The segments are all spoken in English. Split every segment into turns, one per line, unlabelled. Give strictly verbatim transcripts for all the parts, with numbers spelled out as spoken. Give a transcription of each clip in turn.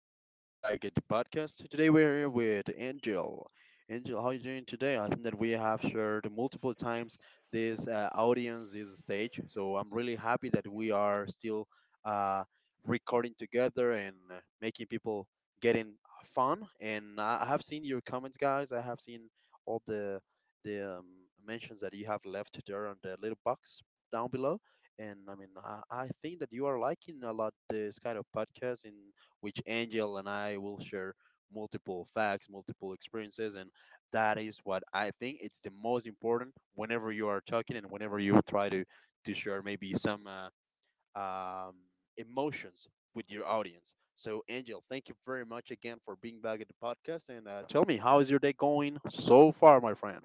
being uh, back at the podcast. Today we're here with Angel. Angel, how are you doing today? I think that we have shared multiple times this uh, audience, this stage. So I'm really happy that we are still uh, recording together and uh, making people getting fun. And I I have seen your comments, guys. I have seen all the the um, mentions that you have left there on the little box down below. And I mean, I, I think that you are liking a lot this kind of podcast in which Angel and I will share multiple facts, multiple experiences, and that is what I think it's the most important whenever you are talking and whenever you try to to share maybe some uh, um, emotions with your audience. So, Angel, thank you very much again for being back at the podcast, and uh, tell me how is your day going so far, my friend?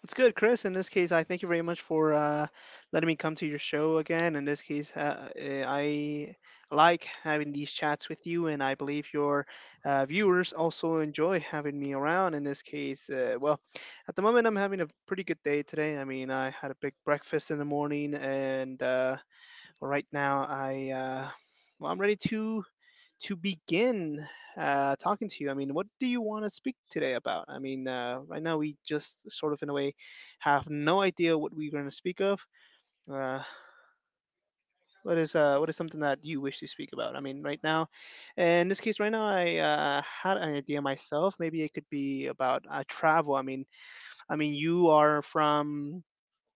What's good, Chris? In this case, I thank you very much for uh, letting me come to your show again. In this case, uh, eh, I like having these chats with you, and I believe your uh, viewers also enjoy having me around. In this case, uh, well, at the moment, I'm having a pretty good day today. I mean, I had a big breakfast in the morning, and uh, well, right now, I uh, well, I'm ready to to begin uh, talking to you. I mean, what do you want to speak today about? I mean, uh, right now we just sort of, in a way, have no idea what we're going to speak of. Uh, what is uh, what is something that you wish to speak about? I mean, right now, in this case, right now, I uh, had an idea myself. Maybe it could be about uh, travel. I mean, I mean, you are from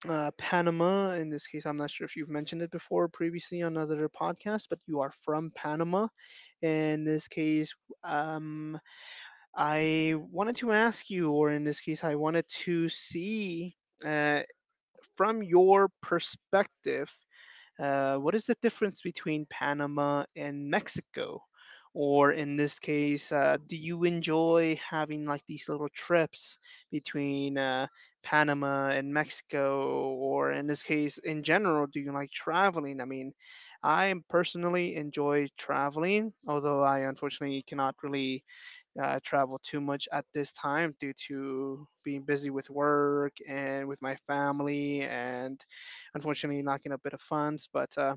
uh, Panama. In this case, I'm not sure if you've mentioned it before previously on other podcasts, but you are from Panama. In this case, um, I wanted to ask you, or in this case, I wanted to see uh, from your perspective, uh, what is the difference between Panama and Mexico? Or in this case, uh, do you enjoy having like these little trips between uh, Panama and Mexico? Or in this case, in general, do you like traveling? I mean, I personally enjoy traveling, although I unfortunately cannot really uh, travel too much at this time due to being busy with work and with my family, and unfortunately lacking a bit of funds. But uh,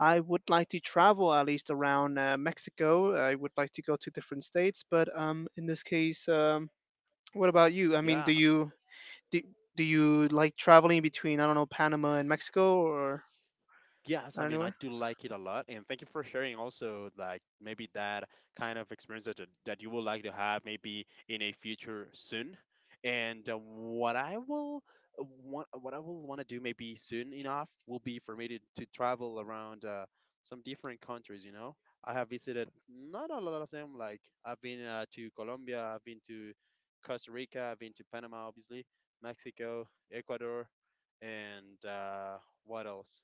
I would like to travel at least around uh, Mexico. I would like to go to different states, but um, in this case, um, what about you? I mean, do
Yeah.
you do, do you like traveling between I don't know Panama and Mexico or
Yes, I mean, I
anywhere?
do like it a lot, and thank you for sharing also like maybe that kind of experience that that you would like to have maybe in a future soon. And uh, what I will uh, want, what I will want to do maybe soon enough will be for me to, to travel around uh, some different countries, you know. I have visited not a lot of them, like I've been uh, to Colombia, I've been to Costa Rica, I've been to Panama, obviously, Mexico, Ecuador, and uh, what else?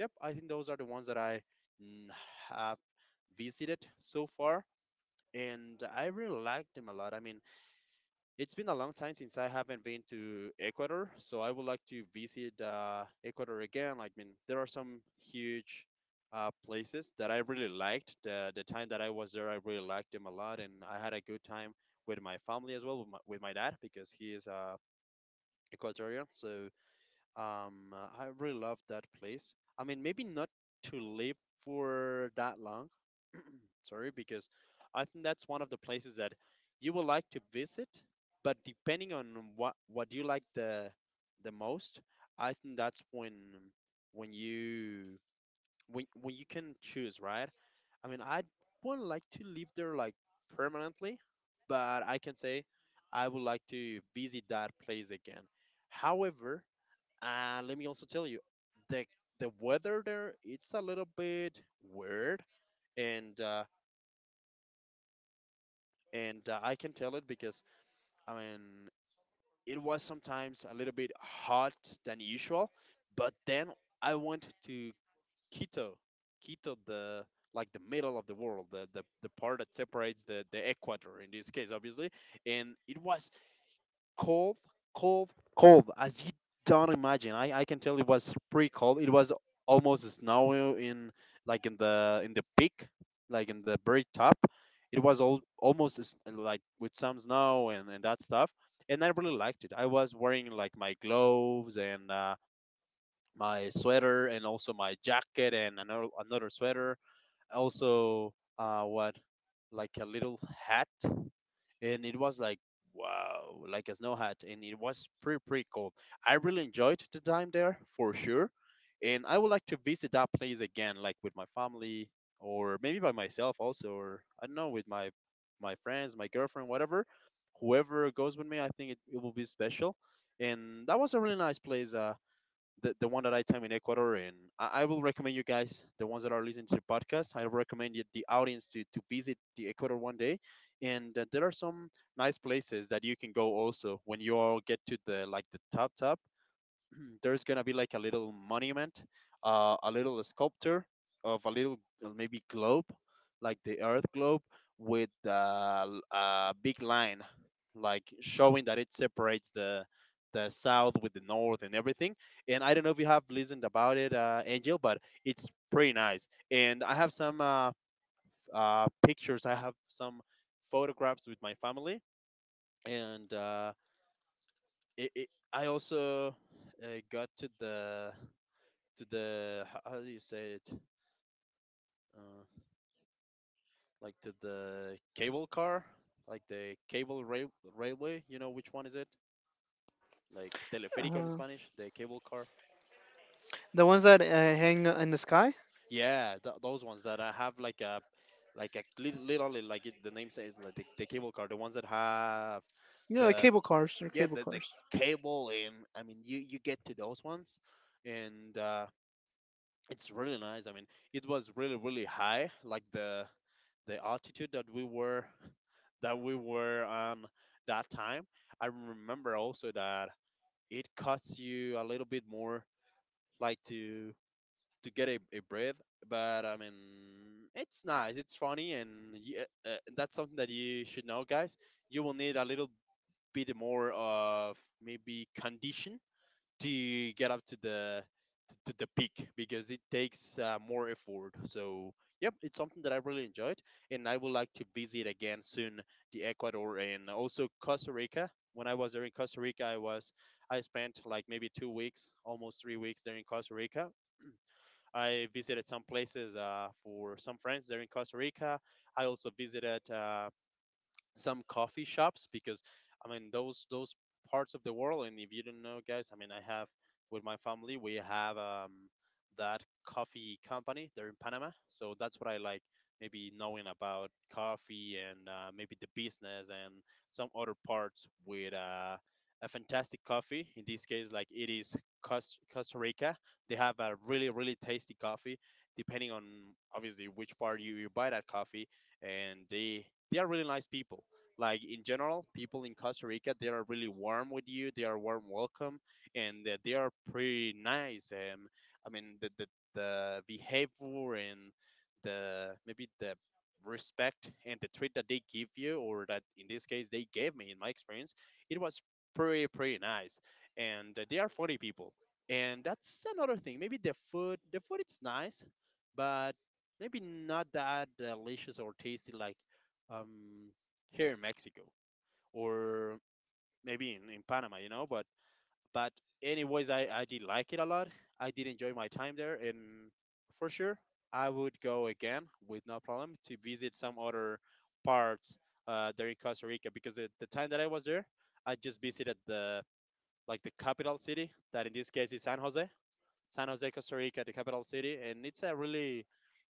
Yep, I think those are the ones that I mm, have visited so far, and I really like them a lot. I mean, it's been a long time since I haven't been to Ecuador, so I would like to visit uh, Ecuador again. Like, I mean, there are some huge uh, places that I really liked. The, the time that I was there, I really liked them a lot, and I had a good time with my family as well, with my, with my dad, because he is uh, Ecuadorian. So um, uh, I really love that place. I mean, maybe not to live for that long. Sorry, because I think that's one of the places that you would like to visit, but depending on what what you like the the most, I think that's when when you when when you can choose, right? I mean, I wouldn't like to live there like permanently, but I can say I would like to visit that place again. However, uh, let me also tell you, the the weather there it's a little bit weird, and uh, and uh, I can tell it because I mean it was sometimes a little bit hot than usual, but then I went to Quito, Quito, the like the middle of the world, the the, the part that separates the the equator in this case, obviously, and it was cold, cold, cold. As you don't imagine, I, I can tell it was pretty cold. It was almost snowy in like in the in the peak, like in the very top. It was all almost as- like with some snow and, and that stuff. And I really liked it. I was wearing like my gloves and uh, my sweater and also my jacket and another another sweater. Also, uh, what like a little hat, and it was like wow, like a snow hat, and it was pretty pretty cool. I really enjoyed the time there for sure, and I would like to visit that place again, like with my family or maybe by myself also, or I don't know, with my my friends, my girlfriend, whatever, whoever goes with me, I think it, it will be special. And that was a really nice place. Uh, the, the one that I time in Ecuador, and I, I will recommend you guys, the ones that are listening to the podcast, I recommend you, the audience to, to visit the Ecuador one day, and uh, there are some nice places that you can go also when you all get to the like the top top. There's gonna be like a little monument, uh, a little sculpture of a little uh, maybe globe, like the Earth globe, with uh, l- a big line, like showing that it separates the the south with the north and everything. And I don't know if you have listened about it, uh, Angel, but it's pretty nice. And I have some uh, uh, pictures. I have some photographs with my family, and uh, it, it, I also uh, got to the to the h- how do you say it, uh, like to the cable car, like the cable rail- railway, you know which one is it, like teleférico in
Uh,
Spanish, the cable car.
the ones that uh, hang in the sky,
Yeah th- those ones that I have like a like a lit- literally like it, the name says like the, the cable car, the ones that have
you know, like
the
cable cars or
yeah
cable
the, the
cars.
cable. And I mean you you get to those ones, and uh it's really nice. I mean it was really really high, like the the altitude that we were that we were on that time. I remember also that it costs you a little bit more, like to to get a, a breath. But I mean, it's nice. It's funny, and y uh, uh, that's something that you should know, guys. You will need a little bit more of maybe condition to get up to the the, the peak because it takes uh, more effort. So, yep, it's something that I really enjoyed, and I would like to visit again soon the Ecuador and also Costa Rica. When I was there in Costa Rica, I was I spent like maybe two weeks, almost three weeks there in Costa Rica. I visited some places uh, for some friends there in Costa Rica. I also visited. Uh, some coffee shops because I mean those those parts of the world. And if you don't know, guys, I mean I have with my family we have um, that coffee company. They're in Panama, so that's what I like. Maybe knowing about coffee and uh, maybe the business and some other parts with uh, a fantastic coffee. In this case, like it is Cos- Costa Rica, they have a really really tasty coffee. Depending on obviously which part you, you buy that coffee, and they they are really nice people, like in general people in Costa Rica, they are really warm with you, they are warm welcome, and uh, they are pretty nice. um, I mean the, the, the behavior and the maybe the respect and the treat that they give you, or that in this case they gave me in my experience, it was pretty pretty nice. And uh, they are funny people, and that's another thing, maybe the food, the food it's nice, but maybe not that delicious or tasty like um here in Mexico or maybe in, in Panama, you know. But but anyways, I I did like it a lot. I did enjoy my time there, and for sure I would go again with no problem to visit some other parts uh, there in Costa Rica because at the time that I was there, I just visited the like the capital city that in this case is San Jose. San Jose, Costa Rica, the capital city, and it's a really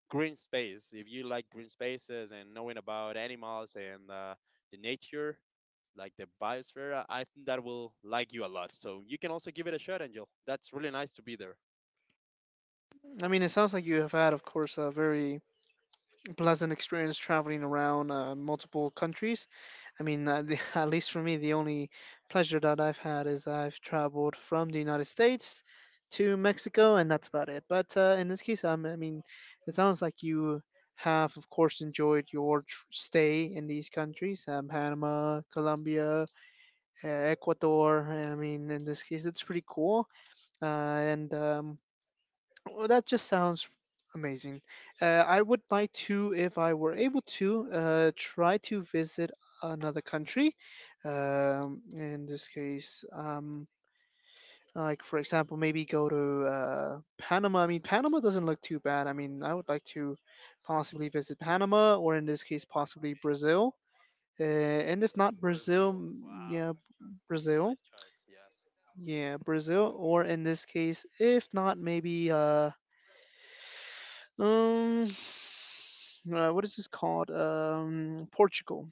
green space. If you like green spaces and knowing about animals and uh, the nature, like the biosphere, I think that will like you a lot. So you can also give it a shot, Angel. That's really nice to be there.
I mean, it sounds like you have had, of course, a very pleasant experience traveling around uh, multiple countries. I mean, uh, the, at least for me, the only pleasure that I've had is I've traveled from the United States to Mexico, and that's about it. But uh, in this case, um, I mean, it sounds like you have, of course, enjoyed your tr- stay in these countries, um, Panama, Colombia, uh, Ecuador. I mean, in this case, it's pretty cool. Uh, and um, well, that just sounds amazing. Uh, I would like to, if I were able to, uh, try to visit another country. Um, in this case, um, like for example, maybe go to uh, Panama. I mean, Panama doesn't look too bad. I mean, I would like to possibly visit Panama, or in this case, possibly Brazil. Uh, and if not Brazil,
Brazil.
m-
Wow.
yeah, Brazil.
Nice choice. Yes.
Yeah, Brazil, or in this case, if not, maybe uh, um uh, what is this called? Um, Portugal.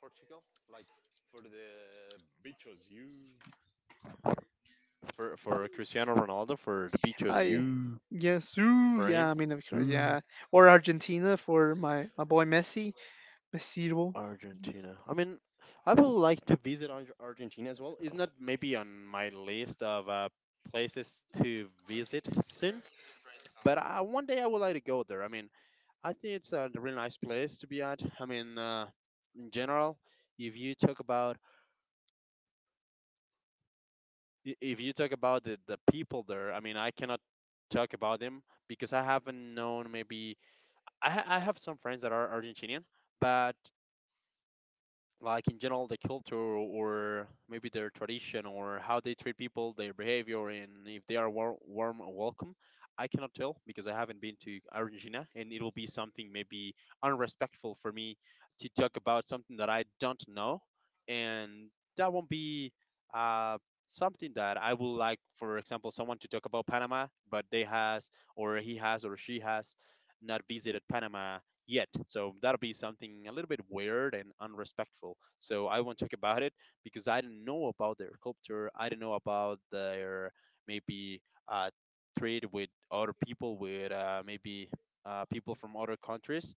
Portugal. Like for the beaches, you. For for Cristiano Ronaldo, for the beaches,
I
you.
yes, ooh,
For
yeah.
him
I mean, of course,
too.
yeah. Or Argentina for my my boy Messi, Messi.
Argentina. I mean, I would like to visit Ar- Argentina as well. It's not maybe on my list of uh, places to visit soon, but I, one day I would like to go there. I mean, I think it's a really nice place to be at. I mean, uh, in general, if you talk about i- if you talk about the, the people there, I mean, I cannot talk about them because I haven't known maybe I ha- I have some friends that are Argentinian, but like in general the culture or maybe their tradition or how they treat people, their behavior and if they are war- warm or welcome, I cannot tell because I haven't been to Argentina, and it will be something maybe unrespectful for me to talk about something that I don't know, and that won't be uh, something that I would like, for example, someone to talk about Panama but they has or he has or she has not visited Panama yet. So that'll be something a little bit weird and unrespectful. So I won't talk about it because I don't know about their culture. I don't know about their maybe uh, trade with other people, with uh, maybe uh, people from other countries.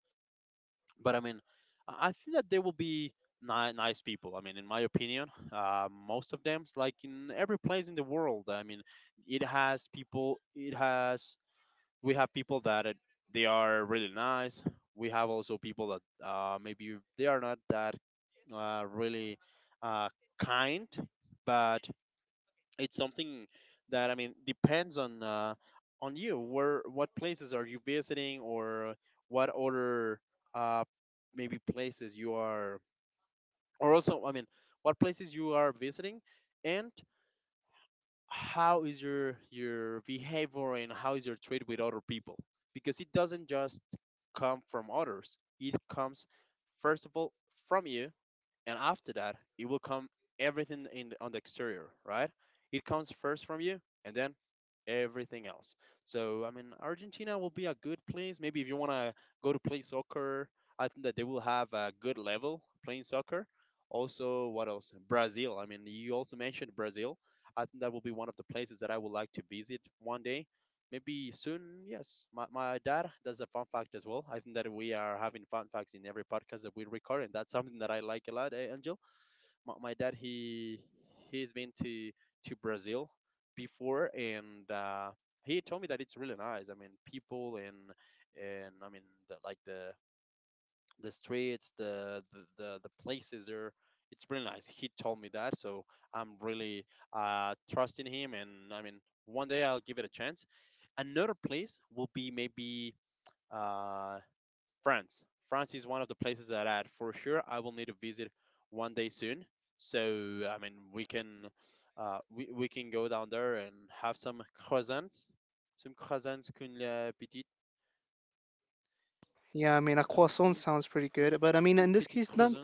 But I mean, I I think that they will be ni- nice people. I mean, in my opinion, uh, most of them, like in every place in the world, I mean, it has people, it has we have people that uh, they are really nice. We have also people that uh, maybe they are not that uh, really uh, kind, but it's something that I mean depends on uh, on you. Where What places are you visiting, or what other uh, maybe places you are, or also I mean what places you are visiting, and how is your your behavior and how is your treat with other people, because it doesn't just come from others. It comes first of all from you, and after that it will come everything in the- on the exterior, right? It comes first from you, and then everything else. So I mean, Argentina will be a good place maybe if you want to go to play soccer. I think that they will have a good level playing soccer. Also, what else? Brazil. I mean, you also mentioned Brazil. I think that will be one of the places that I would like to visit one day, maybe soon. Yes, my, my dad does a fun fact as well. I think that we are having fun facts in every podcast that we record, and that's something that I like a lot. eh, Angel, my, my dad, he he's been to to Brazil before, and uh, he told me that it's really nice. I mean, people and and I mean the, like the the streets, the the the, the places there. It's really nice. He told me that, so I'm really uh, trusting him, and I mean, one day I'll give it a chance. Another place will be maybe uh, France. France is one of the places that I, for sure I will need to visit one day soon. So I mean, we can uh, we, we can go down there and have some croissants, some croissants qu'une la petite,
Yeah, I mean, a
um,
croissant
une,
sounds pretty
um,
good, but I mean, in
une
this
petite
case, not
croissant,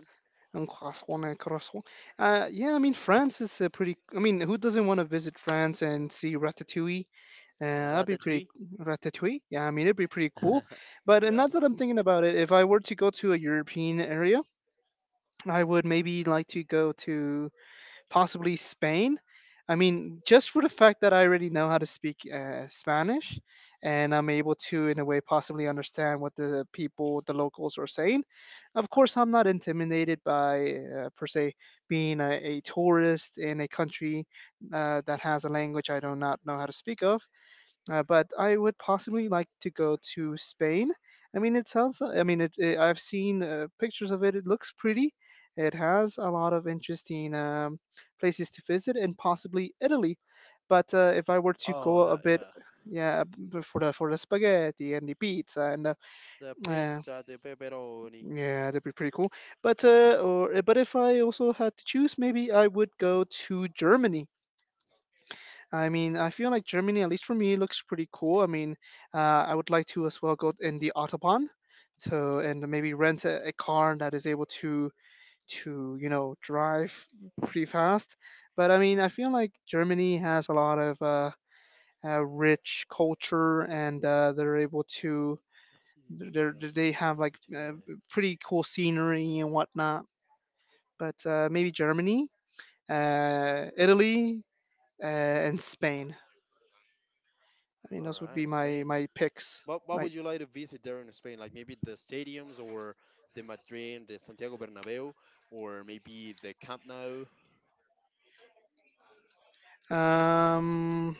a croissant and croissant. Uh, yeah, I mean, France is a pretty. I mean, who doesn't want to visit France and see Ratatouille? Uh, that'd be pretty
ratatouille.
Ratatouille. Yeah, I mean, it'd be pretty cool. But uh, now that
Yes.
I'm thinking about it, if I were to go to a European area, I would maybe like to go to possibly Spain. I mean, just for the fact that I already know how to speak uh, Spanish and I'm able to, in a way, possibly understand what the people, the locals are saying. Of course, I'm not intimidated by, uh, per se, being a, a tourist in a country uh, that has a language I do not know how to speak of. Uh, but I would possibly like to go to Spain. I mean, it sounds. I mean, it, it, I've seen uh, pictures of it. It looks pretty. It has a lot of interesting um, places to visit, and possibly Italy. But uh, if I were to
Oh,
go a
that,
bit,
yeah.
yeah, b- for the for the spaghetti and the pizza and uh,
The
uh,
pizza de pepperoni.
yeah, that'd be pretty cool. But uh, or but if I also had to choose, maybe I would go to Germany. I mean, I feel like Germany, at least for me, looks pretty cool. I mean, uh, I would like to as well go in the autobahn, so and maybe rent a, a car that is able to to you know drive pretty fast. But I mean, I feel like Germany has a lot of uh, uh, rich culture, and uh, they're able to
Merci de nous
they're,
avoir
they have like
écouté,
uh,
euh,
pretty cool scenery and whatnot. But uh, maybe Germany,
écouté à
uh, Italy, uh, and Spain. I mean,
nous. All
those would be
right,
my
Spain.
my picks.
What What
Right.
would you like to visit there in Spain? Like maybe the stadiums, or the Madrid, the Santiago Bernabeu, or maybe the Camp Nou.
Um,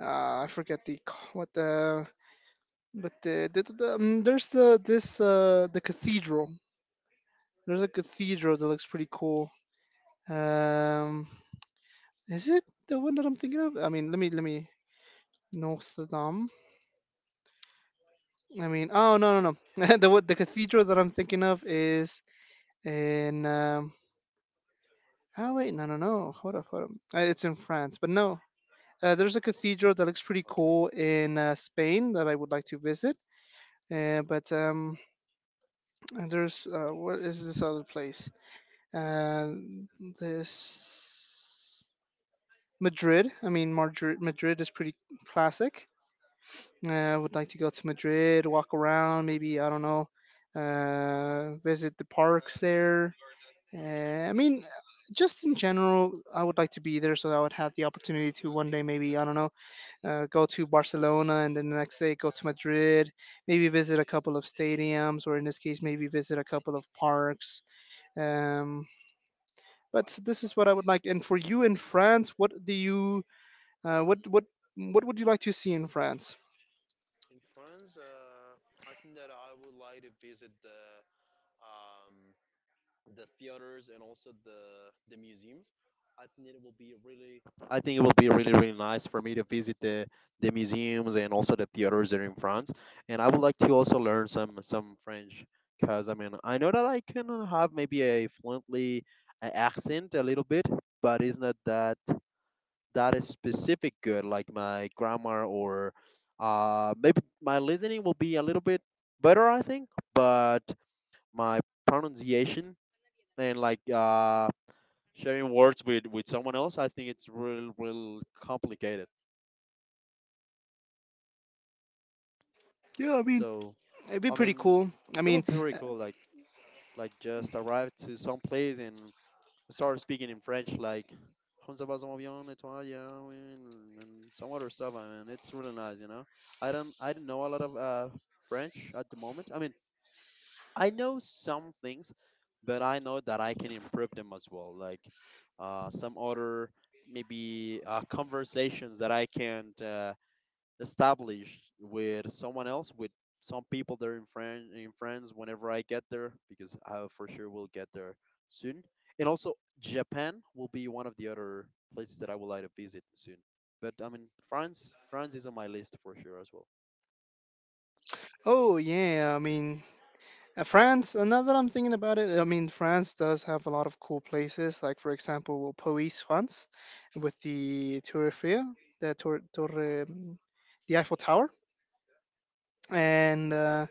uh, I forget the c- what the but the, the, the, the- um, there's the this uh the cathedral. There's a cathedral that looks pretty cool. Um, is it the one that I'm thinking of? I mean, let me let me Notre Dame. I mean, oh no no no. the what the cathedral that I'm thinking of is in um. Oh wait, no no no. Hold up hold up. Uh, It's in France, but no. Uh, there's a cathedral that looks pretty
Okay.
cool in uh, Spain that I would like to visit. Uh, but um, and there's uh, where is this other place? Uh, this Madrid. I mean, Madrid. Madrid is pretty classic. Uh, I would like to go to Madrid, walk around, maybe I don't know, uh, visit the parks there. Uh, I mean, just in general, I would like to be there so that I would have the opportunity to one day maybe I don't know uh, go to Barcelona and then the next day go to Madrid, maybe visit a couple of stadiums, or in this case, maybe visit a couple of parks. Um, but this is what I would like. And for you in France, what do you uh, what what what would you like to see in France?
In France, uh, I think that I would like to visit the um, the theaters, and also the the museums. I think it will be really. I think it will be really really nice for me to visit the the museums and also the theaters there in France. And I would like to also learn some some French, because I mean I know that I can have maybe a fluently a accent a little bit, but it's not that that is specific good, like my grammar, or uh maybe my listening will be a little bit better I think, but my pronunciation and like uh, sharing words with with someone else, I think it's real real complicated.
Yeah, I mean,
So,
it'd be
I
pretty
mean,
cool. I
it
mean,
would be pretty
uh,
cool. Like like just arrive to some place and start speaking in French, like "Comment ça va, ça va bien, et toi, yeah, oui," and and some other stuff. I mean, it's really nice, you know. I don't I don't know a lot of uh French at the moment. I mean, I know some things, but I know that I can improve them as well. Like uh, some other maybe uh, conversations that I can't uh, establish with someone else, with some people that are in, friend, in France whenever I get there, because I for sure will get there soon. And also, Japan will be one of the other places that I would like to visit soon. But I mean, France, France is on my list for sure as well.
oh yeah, I mean, Uh, France, uh, now that I'm thinking about it, I mean, France does have a lot of cool places. Like, for example, Paris, France, with the Tour Eiffel, the Tour, Torre, um, the Eiffel Tower. And uh,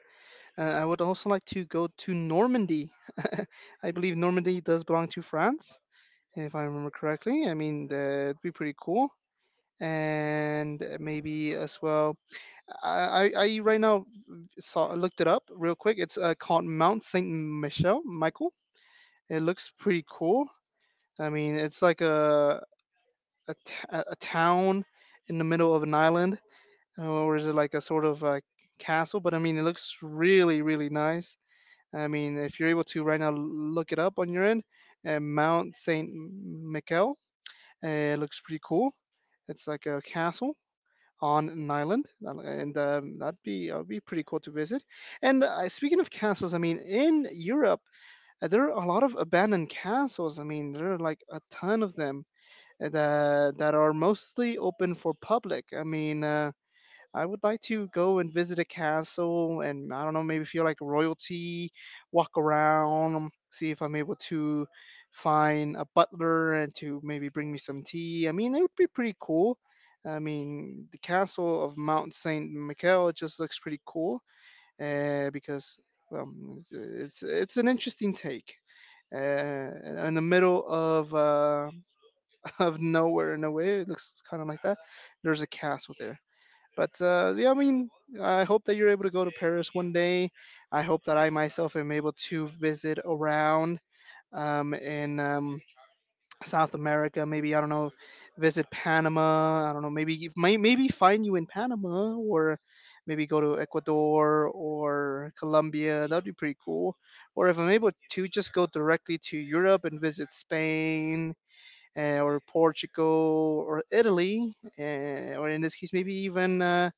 uh, I would also like to go to Normandy. I believe Normandy does belong to France, if I remember correctly. I mean, that'd be pretty cool. And uh, maybe as well, I, I, I right now saw looked it up real quick. It's uh, called Mount Saint Michel, Michael. It looks pretty cool. I mean, it's like a a, t- a a town in the middle of an island, uh, or is it like a sort of a castle? But I mean, it looks really, really nice. I mean, if you're able to right now look it up on your end, uh, Mount Saint Michael, uh, it looks pretty cool. It's like a castle on an island, uh, and um, that'd be that'd be pretty cool to visit. And uh, speaking of castles, I mean, in Europe, Uh, there are a lot of abandoned castles. I mean, there are like a ton of them uh, that that are mostly open for public. I mean, uh, I would like to go and visit a castle, and I don't know, maybe feel like royalty, walk around, um, see if I'm able to find a butler and to maybe bring me some tea. I mean, it would be pretty cool. I mean, the castle of Mount Saint Michael just looks pretty cool uh, because well, it's, it's an interesting take. Uh, in the middle of uh, of nowhere in a way, it looks kind of like that. There's a castle there, but uh, yeah, I mean, I hope that you're able to go to Paris one day. I hope that I myself am able to visit around um, and um, South America. Maybe I don't know, visit Panama. I don't know. Maybe you- may, maybe find you in Panama, or maybe go to Ecuador or Colombia. That'd be pretty cool. Or if I'm able to, just go directly to Europe and visit Spain uh, or Portugal or Italy, uh, or in this case, maybe even. Uh,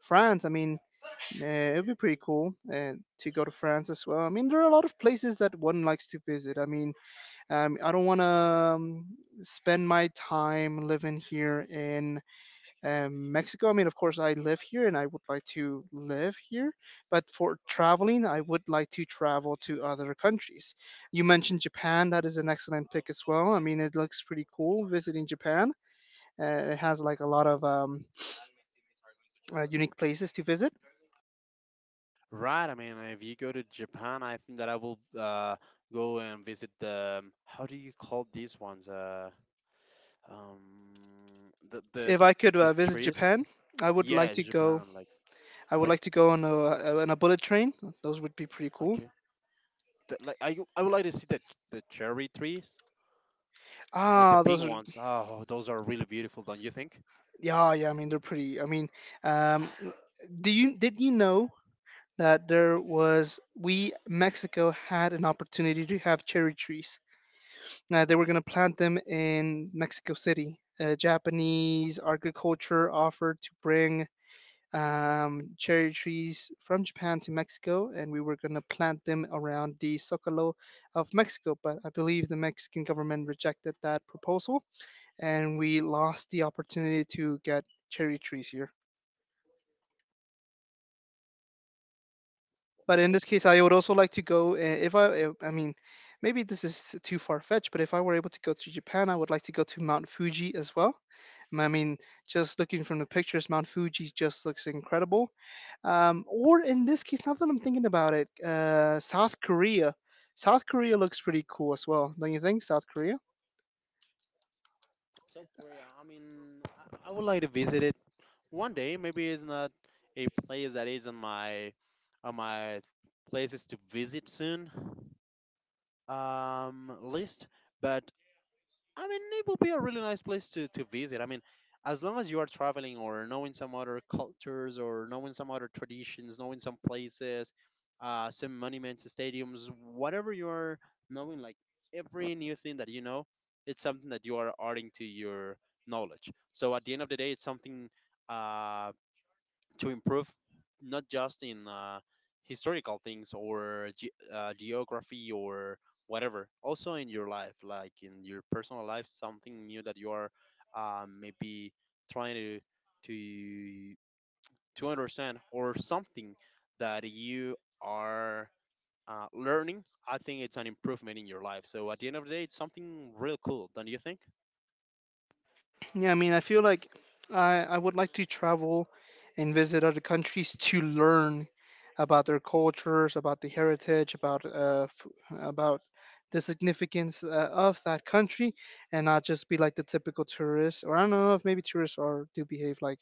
France, I mean, uh, it'd be pretty cool uh, to go to France as well. I mean, there are a lot of places that one likes to visit. I mean, um, I don't want to um, spend my time living here in um, Mexico. I mean, of course, I live here and I would like to live here, but for traveling, I would like to travel to other countries. You mentioned Japan. That is an excellent pick as well. I mean, it looks pretty cool visiting Japan. Uh, it has like a lot of um, uh, unique places to visit.
Right. I mean, if you go to Japan, I think that I will uh, go and visit the um, how do you call these ones? Uh, um, the the
If I could uh,
the
visit
trees.
Japan, I would like
Yeah,
to go.
Japan. Like
I would
like
like to go on a on a bullet train. Those would be pretty cool.
okay. The, like I I would like to see the the cherry trees, like the
Ah,
pink
those are
ones. Oh, those are really beautiful, don't you think?
Yeah, yeah. I mean, they're pretty. I mean, um, do you did you know that there was we Mexico had an opportunity to have cherry trees? Uh, they were gonna
Really?
plant them in Mexico City. Uh, Japanese agriculture offered to bring um, cherry trees from Japan to Mexico, and we were gonna plant them around the Zocalo of Mexico. But I believe the Mexican government rejected that proposal, and we lost the opportunity to get cherry trees here. But
What
in
was
this case, I would also like to go. Uh, If I, uh, I mean, maybe this is too far fetched, but if I were able to go to Japan, I would like to go to Mount Fuji as well. Um, I mean, just looking from the pictures, Mount Fuji just looks incredible. Um, or in this case, now that I'm thinking about it, uh, South Korea. South Korea looks pretty cool as well, don't you think? South Korea.
South Korea? I mean, I, I would like to visit it one day, maybe it's not a place that is on my on my places to visit soon um list, but I mean it will be a really nice place to to visit. I mean, as long as you are traveling, or knowing some other cultures, or knowing some other traditions, knowing some places, uh some monuments, stadiums, whatever you are knowing, like every new thing that you know, it's something that you are adding to your knowledge. So at the end of the day, it's something uh to improve, not just in uh, historical things, or ge- uh, geography, or whatever. Also in your life, like in your personal life, something new that you are uh, maybe trying to to to understand, or something that you are uh, learning. I think it's an improvement in your life. So at the end of the day, it's something real cool, don't you think?
Yeah, I mean, I feel like I I would like to travel and visit other countries to learn about their cultures, about the heritage, about uh f- about the significance uh, of that country, and not just be like the typical tourist. Or I don't know if maybe tourists are do behave like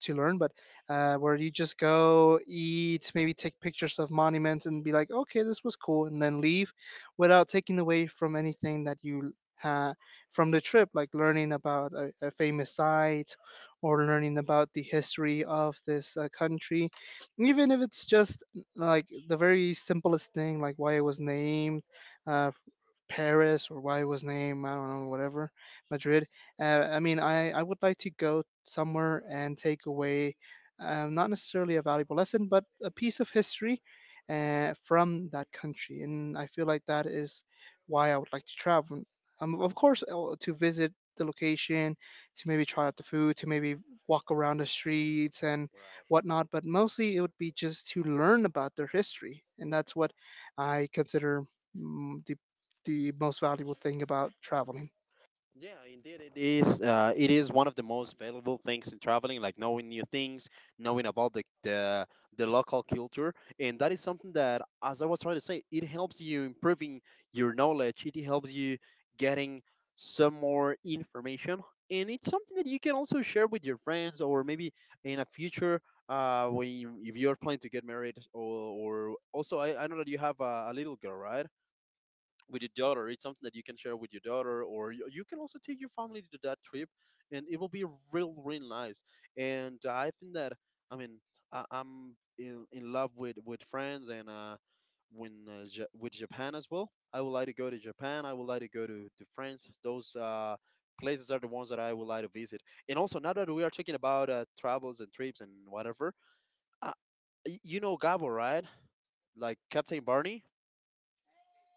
to learn, but uh, where you just go eat, maybe take pictures of monuments and be like, okay, this was cool, and then leave without taking away from anything that you had from the trip, like learning about a, a famous site or learning about the history of this uh, country, even if it's just like the very simplest thing, like why it was named, uh, Paris or why it was named, I don't know, whatever, Madrid. Uh, I mean, I, I would like to go somewhere
Right.
and take away um, not necessarily a valuable lesson, but a piece of history uh, from that country. And I feel like that is why I would like to travel. Um, of course, uh, to visit the location, to maybe try out the food, to maybe walk around the streets and
Right.
whatnot, but mostly it would be just to learn about their history. And that's what I consider mm, the the most valuable thing about traveling.
Yeah, indeed, it is. Uh, it is one of the most valuable things in traveling, like knowing new things, knowing about the, the the local culture, and that is something that, as I was trying to say, it helps you improving your knowledge. It helps you getting some more information, and it's something that you can also share with your friends, or maybe in a future, uh, when you, if you're planning to get married, or, or also I, I know that you have a, a little girl, right? With your daughter. It's something that you can share with your daughter, or you, you can also take your family to that trip, and it will be real, real nice. And I think that I mean I, I'm in, in love with with France, and uh, when uh, ja with Japan as well. I would like to go to Japan. I would like to go to, to France. Those uh, places are the ones that I would like to visit. And also, now that we are talking about uh, travels and trips and whatever, uh, y- you know Gabo, right? Like Captain Barney.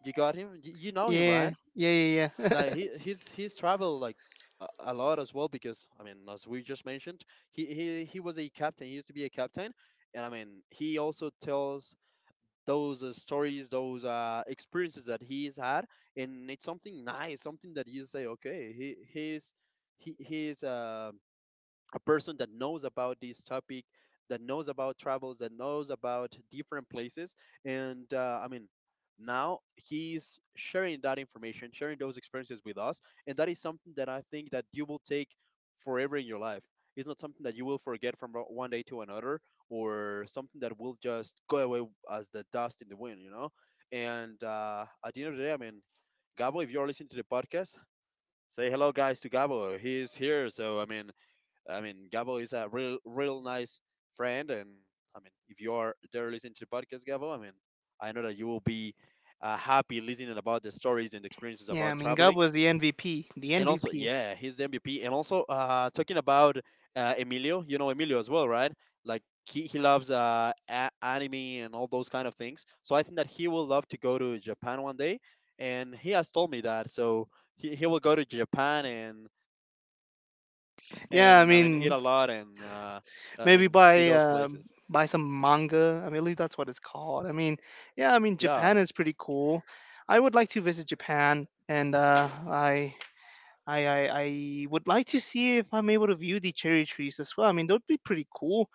You got him. Y- you know him,
Yeah,
right?
yeah, yeah, yeah.
Like he he's he's traveled like a, a lot as well, because I mean as we just mentioned, he, he he was a captain, he used to be a captain. And I mean he also tells those uh, stories, those uh, experiences that he's had, and it's something nice, something that you say, okay, he he's he he's uh, a person that knows about this topic, that knows about travels, that knows about different places. And uh, I mean, now he's sharing that information, sharing those experiences with us, and that is something that I think that you will take forever in your life. It's not something that you will forget from o- one day to another, or something that will just go away as the dust in the wind, you know. And uh, at the end of the day, I mean, Gabo, if you're listening to the podcast, say hello guys to Gabo, he's here. So I mean, I mean, Gabo is a real, real nice friend, and I mean, if you are there listening to the podcast, Gabo, I mean, I know that you will be uh, happy listening about the stories and experiences
Yeah, I
about
mean, Gab
traveling.
was the M V P, the
And also,
M V P.
yeah, he's the M V P. And also, uh, talking about uh, Emilio, you know Emilio as well, right? Like he, he loves uh, a- anime and all those kind of things. So I think that he will love to go to Japan one day. And he has told me that. So he, he will go to Japan and
Yeah, I
and I mean eat
mean,
a lot, and uh, I
maybe
mean see
buy
those
uh,
places.
buy some manga. I believe that's what it's called. I mean, yeah, I mean,
Yeah,
Japan is pretty cool. I would like to visit Japan, and uh, I. I, I, I would like to see if I'm able to view the cherry trees as well. I mean, that would be pretty cool.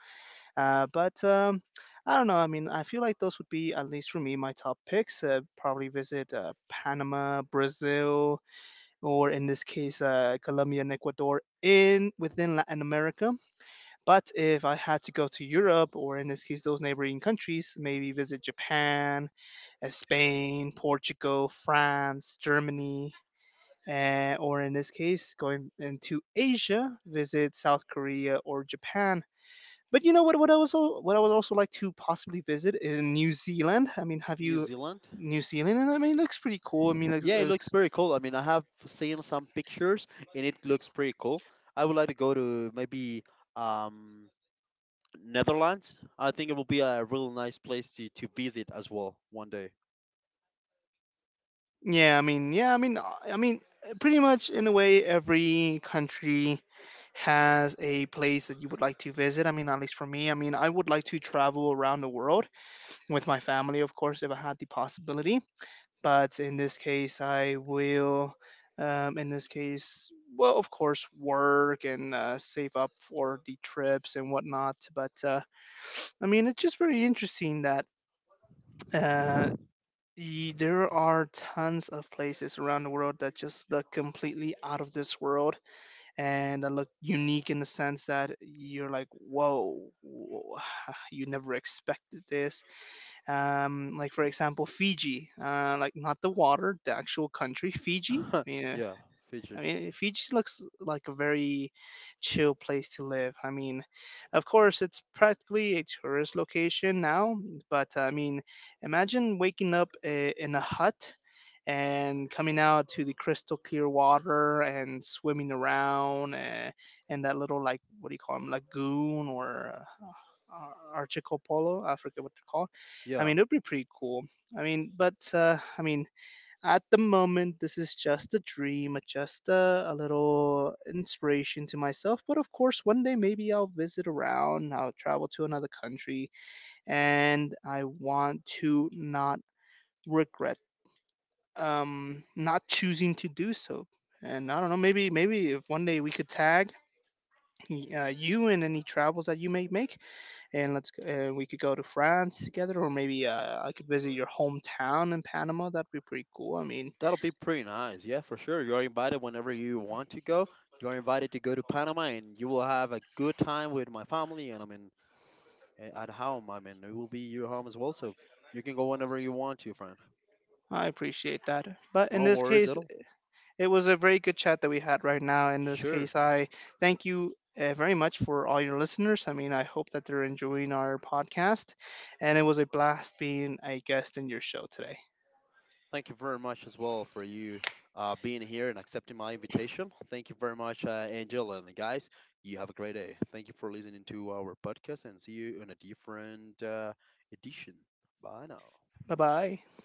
Uh, but um, I don't know. I mean, I feel like those would be, at least for me, my top picks. Uh, probably visit uh, Panama, Brazil, or in this case, uh, Colombia and Ecuador in within Latin America. But if I had to go to Europe, or in this case, those neighboring countries, maybe visit Japan, uh, Spain, Portugal, France, Germany. Uh, or in this case, going into Asia, visit South Korea or Japan. But you know what? What I was al- what I would also like to possibly visit is New Zealand. I mean, have
New
you
Zealand.
New Zealand? And I mean, it looks pretty cool. I mean, looks,
Yeah, it looks
looks
pretty cool. I mean, I have seen some pictures, and it looks pretty cool. I would like to go to maybe um, Netherlands. I think it will be a real nice place to to visit as well one day.
yeah. I mean, yeah. I mean, uh, I mean, uh, pretty much in a way, every country has a place that you would like to visit. I mean, at least for me, I mean, I would like to travel around the world with my family, of course, if I had the possibility. But in this case I will um, in this case well of course work and uh, save up for the trips and whatnot, but uh, I mean it's just very interesting that uh, y- there are tons of places around the world that just look completely out of this world, and that look unique in the sense that you're like whoa w- you never expected this. Um, like for example Fiji, uh, like not the water, the actual country Fiji. I mean, uh,
Yeah, Fiji.
I mean, Fiji looks like a very chill place to live. I mean, of course, it's practically a tourist location now, but I mean, imagine waking up i- in a hut and coming out to the crystal clear water and swimming around, and, and that little, like, what do you call them, lagoon or. Uh, Archipelago, I forget what they're called. I
Yeah,
mean, it would be pretty cool. I mean, but uh, I mean, at the moment, this is just a dream, uh, just a, a little inspiration to myself. But of course, one day maybe I'll visit around, I'll travel to another country, and I want to not regret um not choosing to do so. And I don't know, maybe maybe if one day we could tag y- uh, you in any travels that you may make, and let's g- uh, we could go to France together, or maybe uh, I could visit your hometown in Panama. That'd be pretty cool. I mean.
that'll be pretty nice. Yeah, for sure. You're invited whenever you want to go. You're invited to go to Panama, and you will have a good time with my family, and I mean a- at home. I mean, it will be your home as well, so you can go whenever you want to, friend.
I appreciate that. But in
No
this
worries
case,
at all.
it was a very good chat that we had right now. In this
Sure.
case, I thank you uh, very much for all your listeners. I mean, I hope that they're enjoying our podcast. And it was a blast being a guest in your show today.
Thank you very much as well for you uh, being here and accepting my invitation. Thank you very much, uh, Angel and the guys. You have a great day. Thank you for listening to our podcast, and see you in a different uh, edition. Bye now.
Bye bye.